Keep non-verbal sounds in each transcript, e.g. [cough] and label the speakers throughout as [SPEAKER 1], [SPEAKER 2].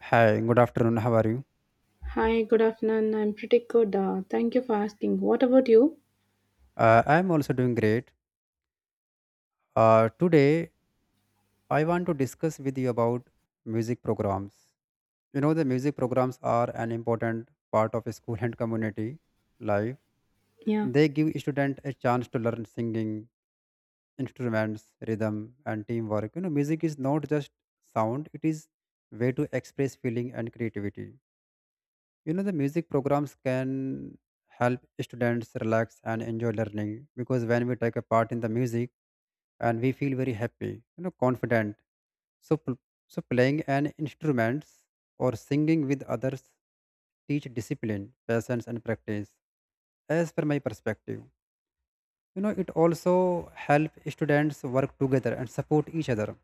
[SPEAKER 1] Hi, good afternoon. How are you?
[SPEAKER 2] Hi, good afternoon. I'm pretty good. Thank you for asking. What about you?
[SPEAKER 1] I am also doing great. Today, I want to discuss with you about music programs. You know, the music programs are an important part of school and community life.
[SPEAKER 2] Yeah,
[SPEAKER 1] They give students a chance to learn singing, instruments, rhythm, and teamwork. You know, music is not just sound; it is way to express feeling and creativity. You know the music programs can help students relax and enjoy learning, because when we take a part in the music and we feel very happy, you know, confident. so pl- so playing an instrument or singing with others teach discipline, patience, and practice. As per my perspective, you know, it also help students work together and support each other.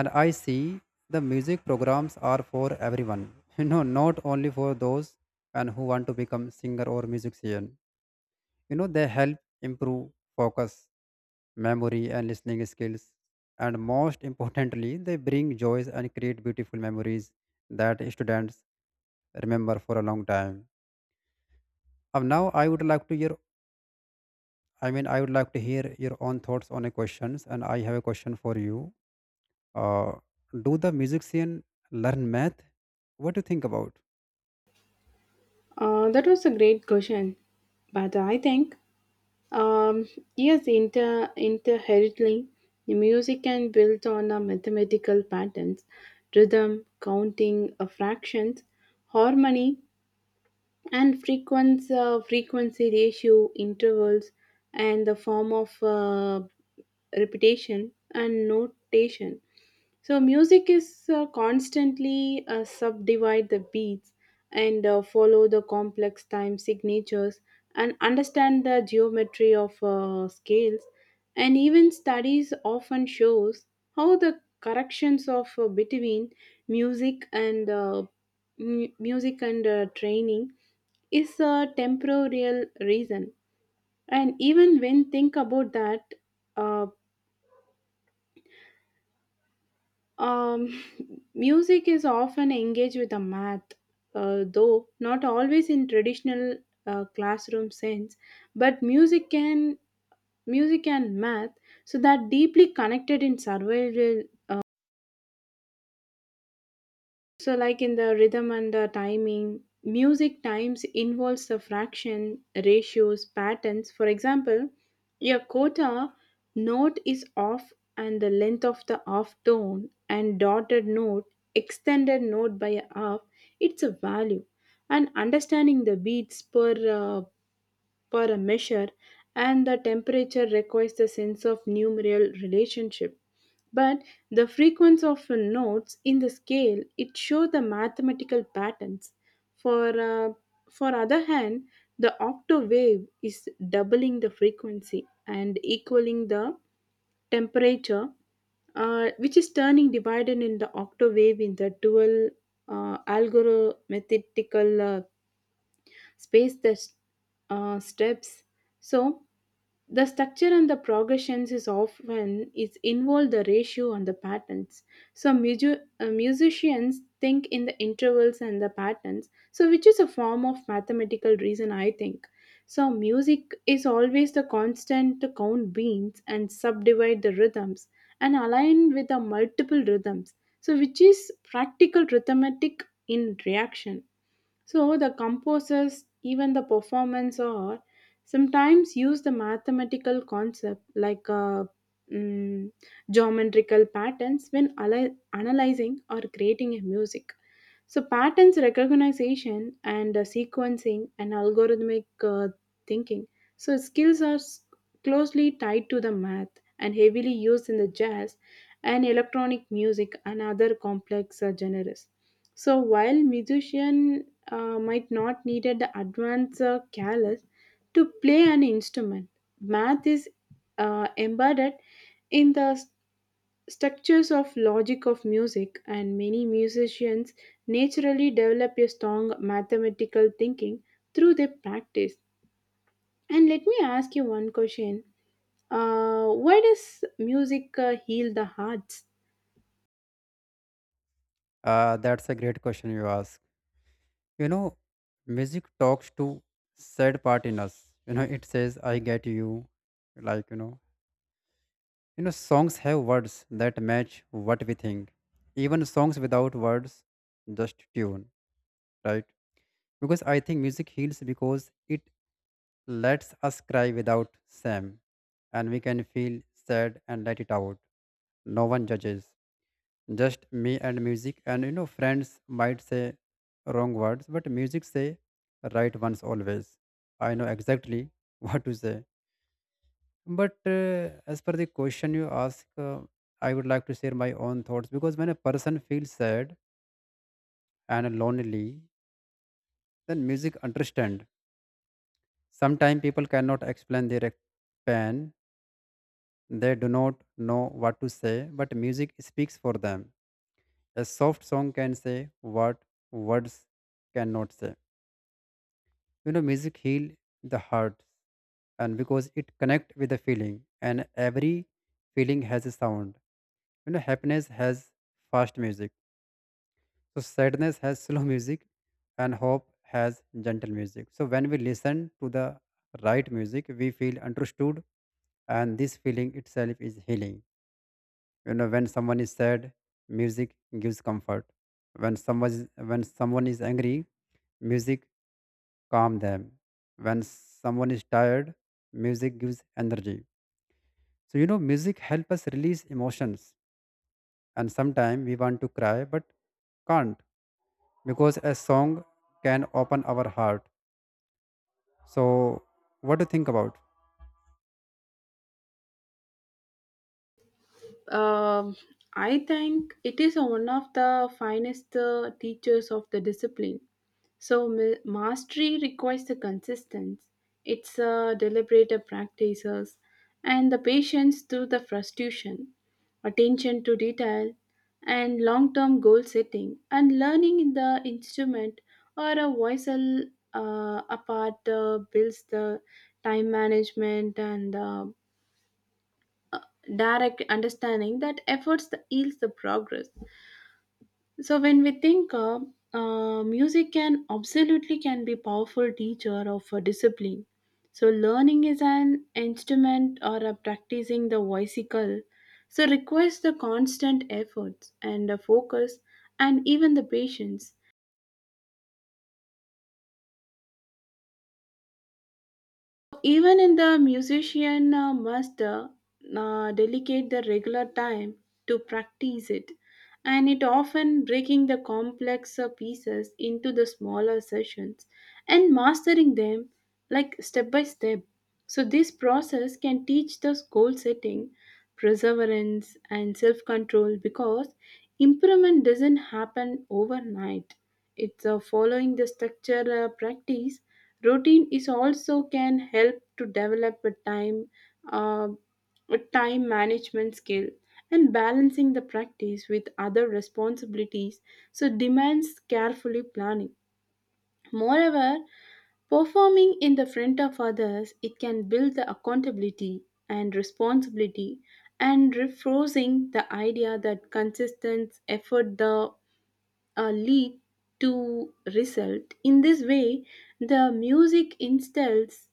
[SPEAKER 1] And I see the music programs are for everyone [laughs] you know, not only for those and who want to become singer or musician. You know they help improve focus, memory, and listening skills. And most importantly, they bring joys and create beautiful memories that students remember for a long time. Now I would like to hear, I would like to hear your own thoughts on a questions, and I have a question for you. Uh, do the musician learn math? What do you think about?
[SPEAKER 2] that was a great question. But I think, um, yes, inter inherently, the music can build on a mathematical patterns, rhythm, counting, fractions, harmony, and frequency ratio, intervals, and the form of repetition and notation. So music is constantly subdivide the beats and follow the complex time signatures and understand the geometry of scales, and even studies often shows how the corrections of between music and music and training is a temporal reason. And even when think about that, uh, Um, [laughs] music is often engaged with the math, though not always in traditional classroom sense. But music and math, so that deeply connected in survival. So, like in the rhythm and the timing, music times involves the fraction, ratios, patterns. For example, your quarter note is off and the length of the off tone and dotted note, extended note by a half, it's a value. And understanding the beats per uh, for a measure, and the temperature requires the sense of numeral relationship. But the frequency of notes in the scale it show the mathematical patterns. For uh, for other hand, the octave wave is doubling the frequency and equaling the temperature, which is turning divided in the octave wave in the dual algorithmical space the steps. So the structure and the progressions is often is involve the ratio and the patterns. So musicians think in the intervals and the patterns. So which is a form of mathematical reason I think. So music is always the constant to count beats and subdivide the rhythms and align with the multiple rhythms. So which is practical arithmetic in reaction. So the composers, even the performance are sometimes use the mathematical concept like mm, geometrical patterns when analyzing or creating a music. So patterns recognition and sequencing and algorithmic thinking. So skills are closely tied to the math and heavily used in the jazz and electronic music and other complex genres. So while musician might not need the advanced callus to play an instrument, math is embedded in the structures of logic of music, and many musicians naturally develop a strong mathematical thinking through their practice. And let me ask you one question: why does music heal the hearts?
[SPEAKER 1] That's a great question you ask. You know, music talks to sad part in us. You know, it says, "I get you." Like you know, Songs have words that match what we think. Even songs without words, just tune, right? Because I think music heals because it lets us cry without shame, and we can feel sad and let it out. No one judges, just me and music. And you know friends might say wrong words, but music say right ones always. I know exactly [laughs] what to say. But as per the question you ask, I would like to share my own thoughts, because when a person feels sad and lonely, then music understand. Sometimes people cannot explain their pain. They do not know what to say, but music speaks for them. A soft song can say what words cannot say. You know, music heal the heart, and because it connect with the feeling, and every feeling has a sound. You know, happiness has fast music. So sadness has [laughs] slow music, and hope has gentle music. So when we listen to the right music, we feel understood, and this feeling itself is healing. You know, when someone is sad, music gives comfort. When someone is angry, music calm them. When someone is tired, music gives energy. So, you know, music helps us release emotions. And sometimes we want to cry but can't, because a song can open our heart. So, what do you think about?
[SPEAKER 2] Um, I think it is one of the finest teachers of the discipline. So mastery requires the consistency. It's a deliberate practices and the patience through the frustration, attention to detail, and long-term goal setting. And learning in the instrument or a voiceal apart builds the time management and direct understanding that efforts that yields the progress. So when we think music can absolutely can be powerful teacher of a discipline. So learning is an instrument or a practicing the voicicle, so requires the constant efforts and the focus and even the patience. Even in the musician must dedicate the regular time to practice it, and it often breaking the complex pieces into the smaller sessions and mastering them like step by step. So this process can teach the goal setting, perseverance, and self-control because improvement doesn't happen overnight. It's following the structure practice. Routine is also can help to develop a uh, a time management skill and balancing the practice with other responsibilities. So demands carefully planning. Moreover, performing in the front of others, it can build the accountability and responsibility and reinforcing the idea that consistent effort the lead to result. In this way, the music instills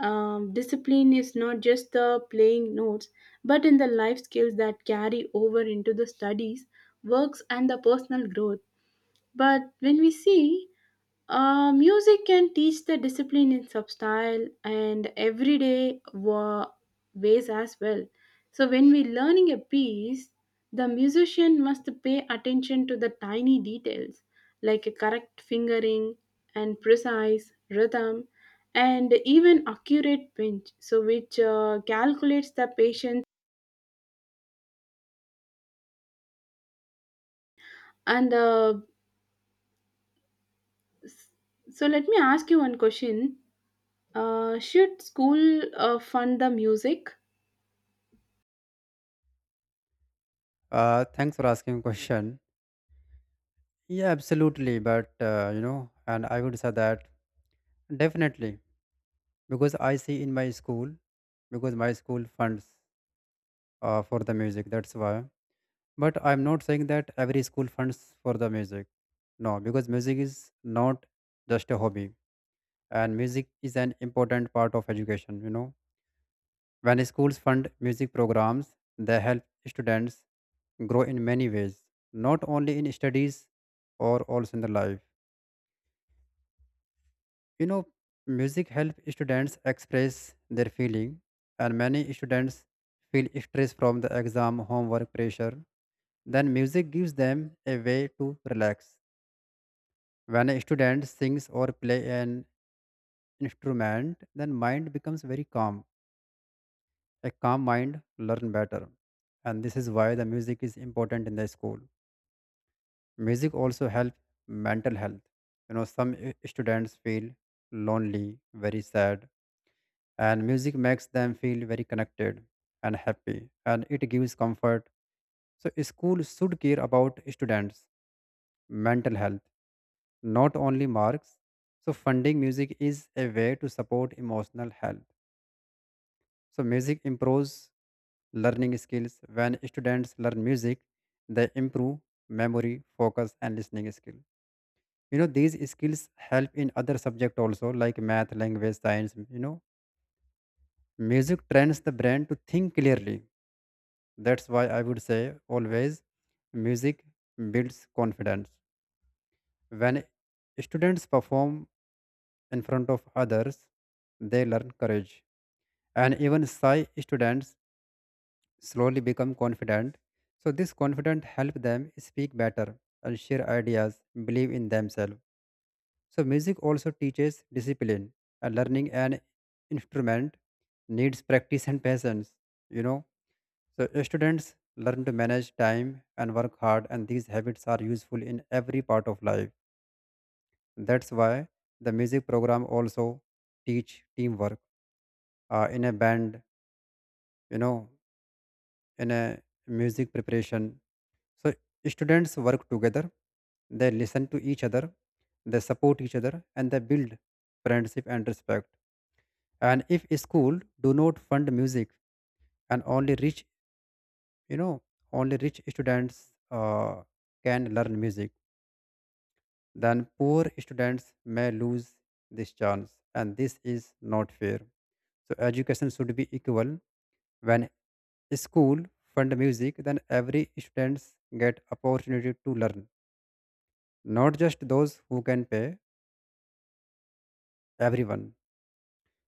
[SPEAKER 2] discipline is not just the playing notes, but in the life skills that carry over into the studies, works, and the personal growth. But when we see music can teach the discipline in substyle and everyday ways as well. So when we're learning a piece, the musician must pay attention to the tiny details like a correct fingering and precise rhythm and even accurate pinch so which calculates the patience and s- so let me ask you one question: should school fund the music?
[SPEAKER 1] Thanks for asking question. Yeah, absolutely. But, you know, and I would say that definitely, because I see in my school, because my school funds for the music. That's why. But I'm not saying that every school funds for the music. No, because music is not just a hobby, and music is an important part of education. You know, when schools fund music programs, they help students grow in many ways, not only in studies or also in the life. You know, music helps students express their feeling, and many students feel stress from the exam, homework pressure. Then music gives them a way to relax. When a student sings or play an instrument, then mind becomes very calm. A calm mind learn better. And this is why the music is important in the school. Music also helps mental health. You know, some students feel lonely, very sad, and music makes them feel very connected and happy, and it gives comfort. So, school should care about students' mental health, not only marks. So, funding music is a way to support emotional health. So, music improves learning skills. When students learn music, they improve memory, focus, and listening skill. You know, these skills help in other subject also, like math, language, science. You know, music trains the brain to think clearly. That's why I would say always music builds confidence. When students perform in front of others, they learn courage. And even shy students slowly become confident. So this confidence helps them speak better and share ideas, believe in themselves. So music also teaches discipline. And learning an instrument needs practice and patience, you know. So students learn to manage time and work hard, and these habits are useful in every part of life. That's why the music program also teach teamwork, in a band, you know, in a music preparation. So students work together, they listen to each other, they support each other, and they build friendship and respect. And if school do not fund music and only rich, you know, only rich students can learn music, then poor students may lose this chance, and this is not fair. So education should be equal. When school fund music, then every students get opportunity to learn, not just those who can pay, everyone.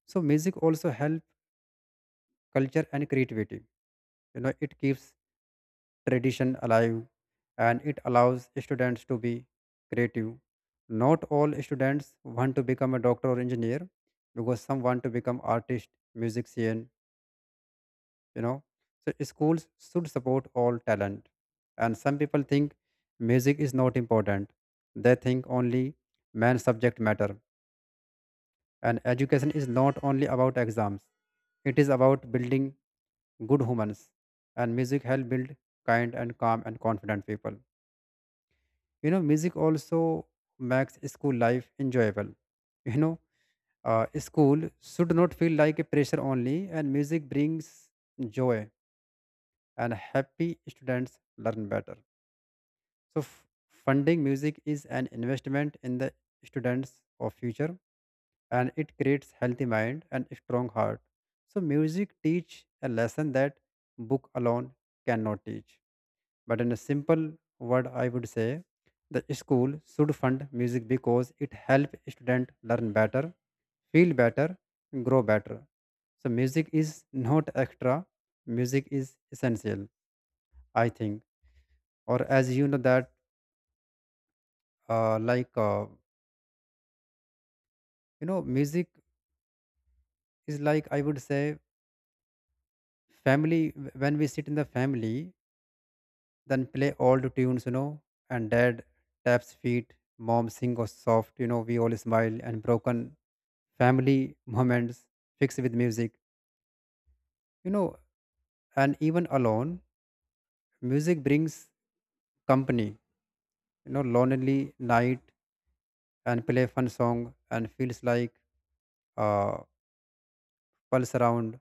[SPEAKER 1] So music also help culture and creativity. You know, it keeps tradition alive, and it allows students to be creative. Not all students want to become a doctor or engineer, because some want to become artist musician, you know. So schools should support all talent. And some people think music is not important. They think only main subject matter, and education is not only about exams. It is about building good humans, and music help build kind and calm and confident people. You know, music also makes school life enjoyable. [laughs] You know, school should not feel like a pressure only, and music brings joy, and happy students learn better. So, funding music is an investment in the students of future, and it creates healthy mind and strong heart. So, music teach a lesson that book alone cannot teach. But in a simple word, I would say the school should fund music because it help student learn better, feel better, grow better. So, music is not extra. Music is essential, I think. Or as you know that, like. You know, music is like, I would say, family. When we sit in the family, then play old tunes, you know, and dad taps feet, mom sing a soft, you know, we all smile, and broken family [laughs] moments fixed with music, you know. And even alone, music brings company. You know, lonely night, and play fun song, and feels like uh pulse around.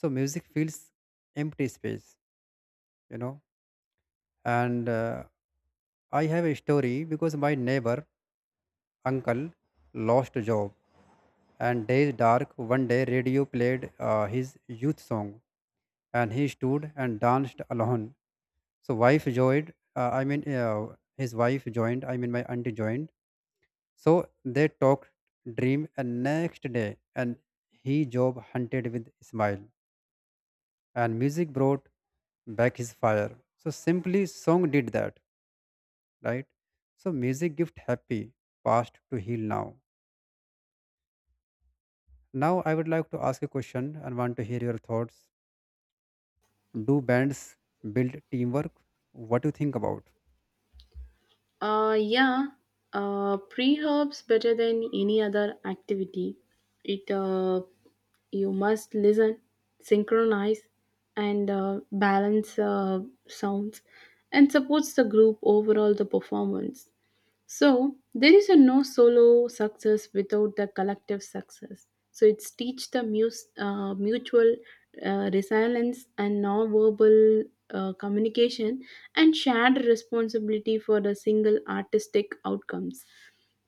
[SPEAKER 1] So music feels empty space, you know. And I have a story, because my neighbor uncle lost a job, and days dark. One day radio played his youth song, and he stood and danced alone. So wife joined, his wife joined, my auntie joined. So they talked dream, and next day, and he job hunted with smile, and music brought back his fire. So simply song did that, right? So music gift happy past to heal now. Now I would like to ask a question and want to hear your thoughts. Do bands build teamwork? What do you think about?
[SPEAKER 2] Yeah, pre-herbs better than any other activity. It You must listen, synchronize, and balance sounds, and supports the group overall the performance. So there is a no solo success without the collective success. So it's teach the mutual resilience and non-verbal communication and shared responsibility for the single artistic outcomes.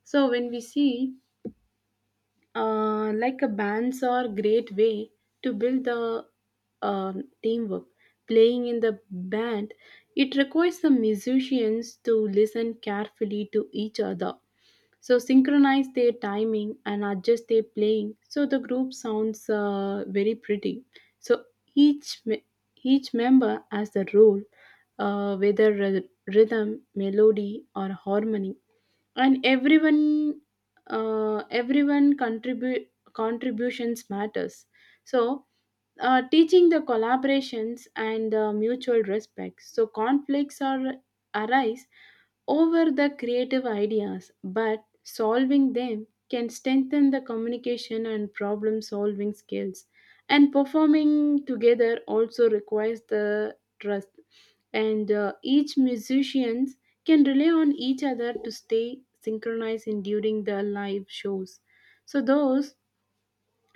[SPEAKER 2] So when we see like a bands are great way to build the teamwork. Playing in the band, it requires the musicians to listen carefully to each other, so synchronize their timing and adjust their playing so the group sounds very pretty. So each me- each member has a role, whether rhythm melody or harmony, and everyone contribute contributions matters, so teaching the collaborations and the mutual respect, so conflicts are arise over the creative ideas, but solving them can strengthen the communication and problem solving skills. And performing together also requires the trust, and each musicians can rely on each other to stay synchronized in during the live shows. So those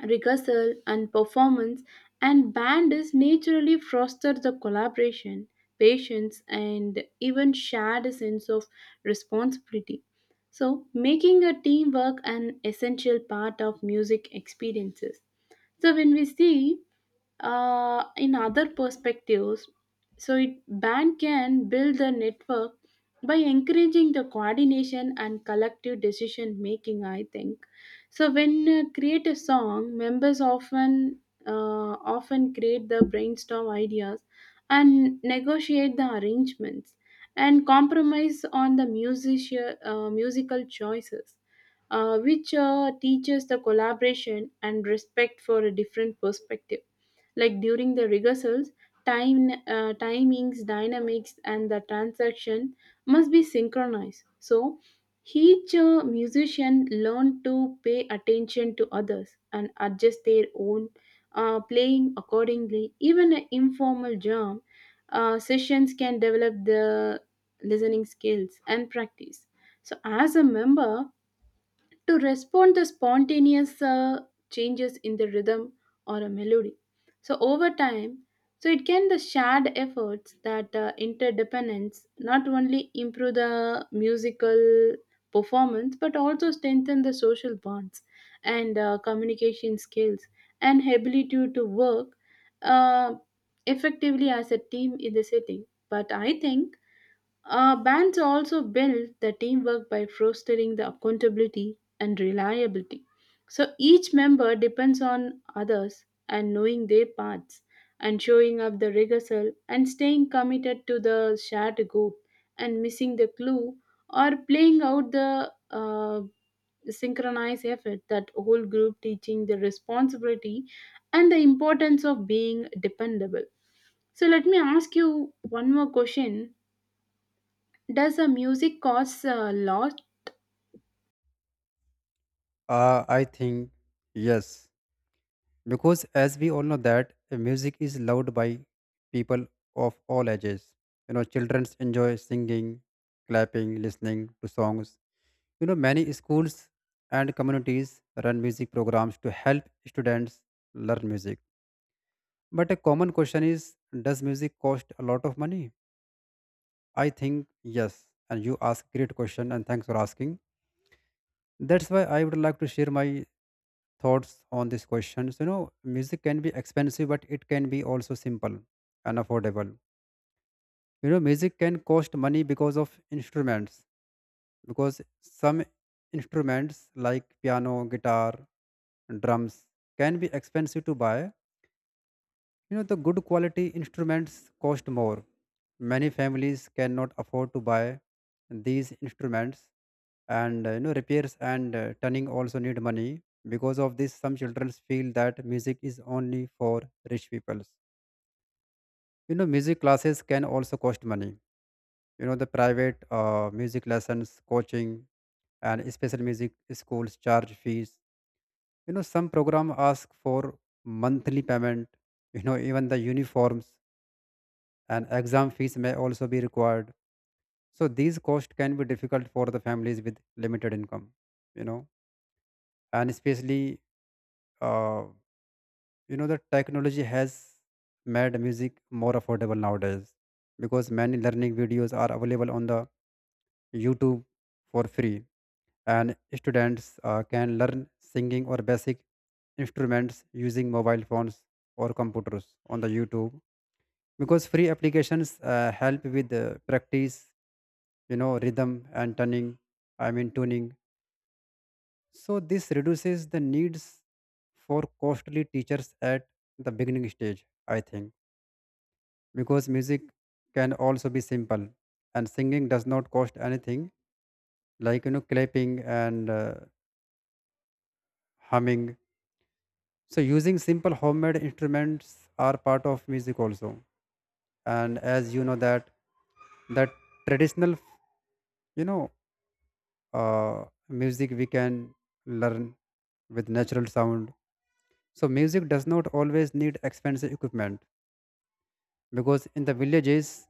[SPEAKER 2] rehearsal and performance and band is naturally foster the collaboration patience and even shared sense of responsibility, so making a teamwork an essential part of music experiences. So when we see in other perspectives. So, bank can build the network by encouraging the coordination and collective decision making. I think so. When create a song, members often create the brainstorm ideas and negotiate the arrangements and compromise on the music, musical choices which teaches the collaboration and respect for a different perspective, like during the rehearsals time timings dynamics and the transaction must be synchronized, so each musician learn to pay attention to others and adjust their own playing accordingly. Even an informal jam sessions can develop the listening skills and practice so as a member to respond to spontaneous changes in the rhythm or a melody. So over time, so it can the shared efforts that interdependence not only improve the musical performance but also strengthen the social bonds and communication skills and ability to work uh, effectively as a team in the setting. But I think bands also build the teamwork by fostering the accountability and reliability. So each member depends on others and knowing their parts and showing up the rehearsal and staying committed to the shared goal, and missing the clue or playing out the synchronized effort that whole group teaching the responsibility and the importance of being dependable. So let me ask you one more question. Does the music cost a lot?
[SPEAKER 1] I think yes, because as we all know that music is loved by people of all ages. You know, children enjoy singing, clapping, listening to songs. You know, many schools and communities run music programs to help students learn music. But a common question is, does music cost a lot of money? I think yes. And you ask great question, and thanks for asking. That's why I would like to share my thoughts on these questions. You know, music can be expensive, but it can be also simple and affordable. You know, music can cost money because of instruments, because some instruments like piano, guitar, drums can be expensive to buy. You know, the good quality instruments cost more. Many families cannot afford to buy these instruments, and you know, repairs and tuning also need money. Because of this, some children feel that music is only for rich people. You know, music classes can also cost money. You know, the private music lessons, coaching, and special music schools charge fees. You know, some program ask for monthly payment. You know, even the uniforms and exam fees may also be required. So these costs can be difficult for the families with limited income, you know, and especially, uh, you know, the technology has made music more affordable nowadays, because many learning videos are available on the YouTube for free, and students can learn singing or basic instruments using mobile phones or computers on the YouTube, because free applications help with practice, you know, rhythm and tuning, tuning. So this reduces the needs for costly teachers at the beginning stage, I think. Because music can also be simple, and singing does not cost anything, like, you know, clapping and humming. So using simple homemade instruments are part of music also. And as you know that that traditional, you know, uh, music we can learn with natural sound. So music does not always need expensive equipment, because in the villages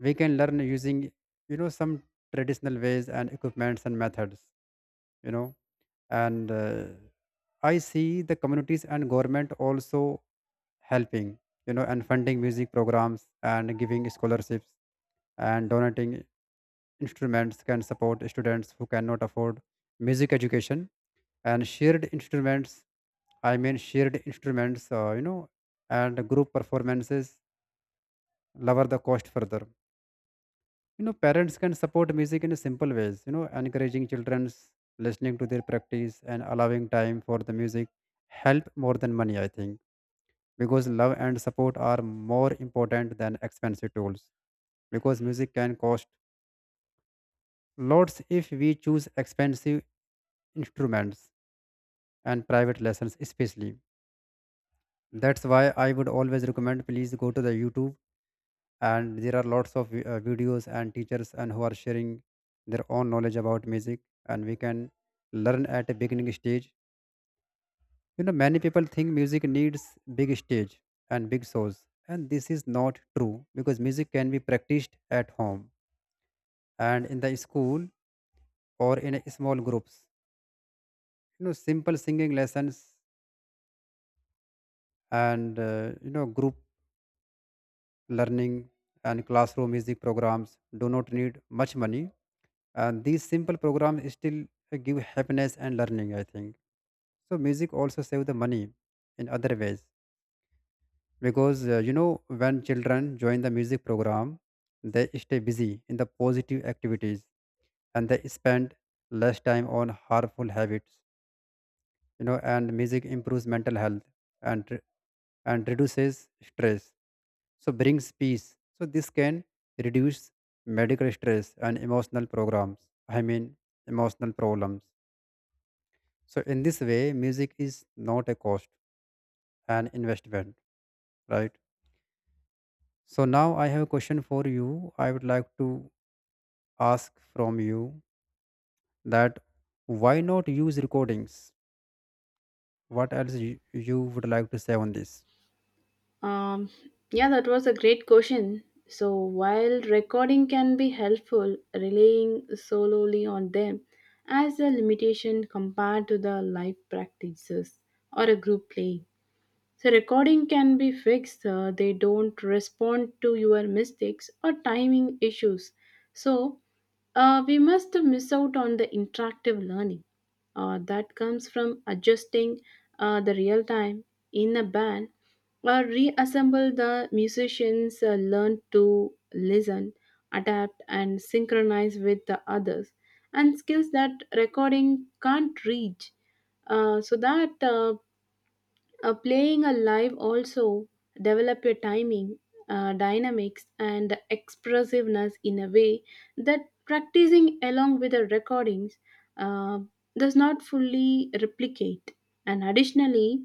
[SPEAKER 1] we can learn using, you know, some traditional ways and equipments and methods, you know. And I see the communities and government also helping, you know, and funding music programs, and giving scholarships and donating instruments can support students who cannot afford music education. And shared instruments, shared instruments, you know, and group performances lower the cost further. You know, parents can support music in simple ways, you know, encouraging children's, listening to their practice, and allowing time for the music help more than money, I think. Because love and support are more important than expensive tools. Because music can cost lots if we choose expensive instruments and private lessons especially. That's why I would always recommend, please go to the YouTube, and there are lots of videos and teachers and who are sharing their own knowledge about music, and we can learn at a beginning stage. You know, many people think music needs big stage and big shows, and this is not true, because music can be practiced at home and in the school or in a small groups. You know, simple singing lessons and, you know, group learning and classroom music programs do not need much money. These simple programs still give happiness and learning, I think. So music also save the money in other ways, because you know, when children join the music program, they stay busy in the positive activities, and they spend less time on harmful habits. You know, and music improves mental health and re- and reduces stress. So brings peace. So this can reduce medical stress and emotional programs. I mean Emotional problems. So in this way, music is not a cost, an investment, right? So now I have a question for you. I would like to ask from you that why not use recordings? What else you would like to say on this?
[SPEAKER 2] Um, yeah, that was a great question. So while recording can be helpful, relying solely on them as a limitation compared to the live practices or a group playing. So recording can be fixed. They don't respond to your mistakes or timing issues. So we must miss out on the interactive learning that comes from adjusting the real time in a band or reassemble the musicians learn to listen, adapt and synchronize with the others and skills that recording can't reach. So that Playing a live also develop your timing, dynamics, and expressiveness in a way that practicing along with the recordings uh, does not fully replicate. And additionally,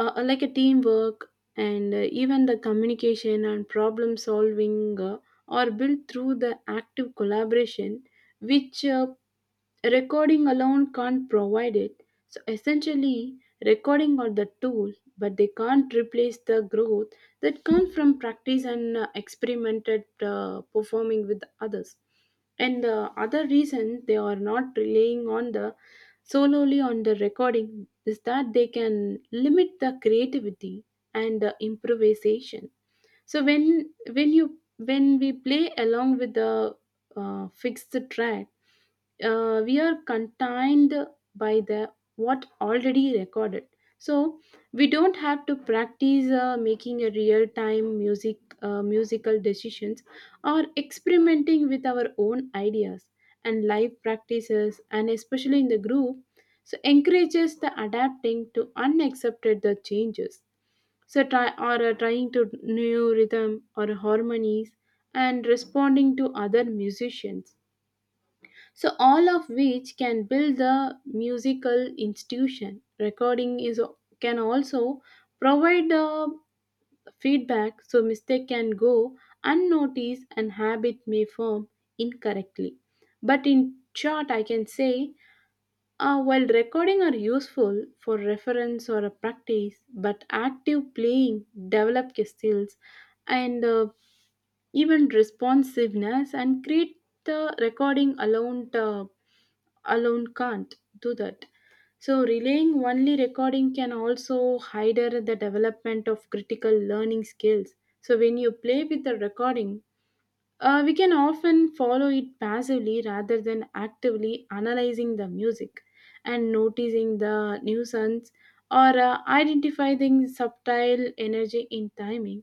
[SPEAKER 2] like a teamwork and even the communication and problem solving are built through the active collaboration, which recording alone can't provide it. So essentially, recording are the tool, but they can't replace the growth that comes from practice and experimented performing with others. And the other reason they are not relying on the solely on the recording is that they can limit the creativity and the improvisation. So when you when we play along with the fixed track, we are contained by the what already recorded, so we don't have to practice making a real time musical decisions or experimenting with our own ideas. And live practices and especially in the group so encourages the adapting to unaccepted the changes, so trying to new rhythm or harmonies and responding to other musicians, so all of which can build the musical institution. Recording is can also provide the feedback, so mistake can go unnoticed and habit may form incorrectly. But in short I can say while recording are useful for reference or a practice, but active playing develop your skills and even responsiveness and create the recording alone can't do that. So relying only recording can also hinder the development of critical learning skills. So when you play with the recording, we can often follow it passively rather than actively analyzing the music and noticing the nuisance or identifying subtle energy in timing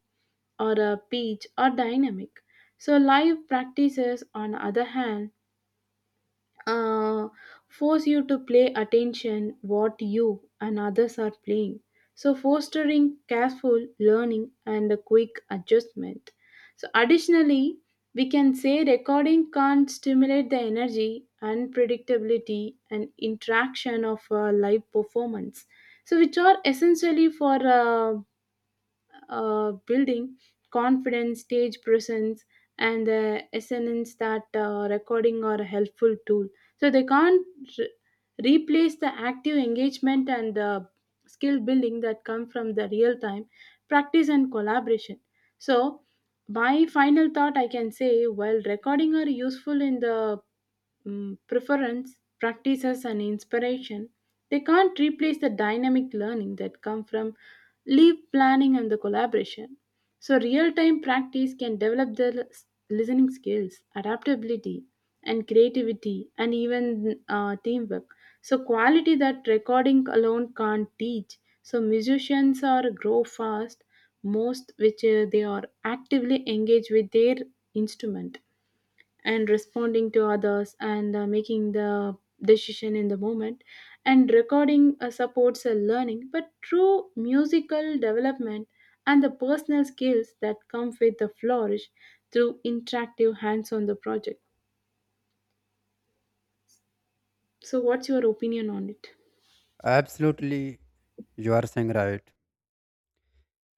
[SPEAKER 2] or a pitch or dynamic. So, live practices, on the other hand, uh, force you to play attention what you and others are playing, so fostering careful learning and a quick adjustment. So additionally we can say recording can stimulate the energy unpredictability and interaction of a live performance, so which are essentially for building confidence, stage presence, and the essence that recording are a helpful tool. So they can't re- replace the active engagement and the skill building that come from the real time practice and collaboration. So my final thought I can say while recording are useful in the preference, practices, and inspiration, they can't replace the dynamic learning that come from leave planning and the collaboration. So real-time practice can develop the listening skills, adaptability, and creativity, and even teamwork. So quality that recording alone can't teach. So musicians are grow fast most which they are actively engaged with their instrument and responding to others and making the decision in the moment. And recording supports learning, but true musical development and the personal skills that come with the flourish through interactive hands on the project. So what's your opinion on it?
[SPEAKER 1] Absolutely, you are saying right.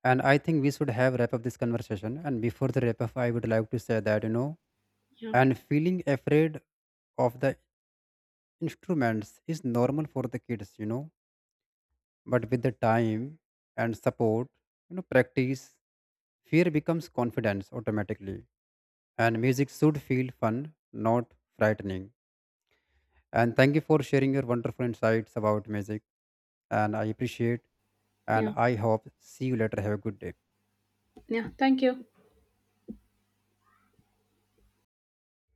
[SPEAKER 1] And I think we should have wrap up this conversation. And before the wrap up, I would like to say that, you know,
[SPEAKER 2] yeah
[SPEAKER 1] and feeling afraid of the instruments is normal for the kids, you know, but with the time and support, you know, practice, fear becomes confidence automatically. And music should feel fun, not frightening. And thank you for sharing your wonderful insights about music, and I appreciate, and
[SPEAKER 2] yeah
[SPEAKER 1] I hope see you later. Have a good day.
[SPEAKER 2] Yeah, thank you.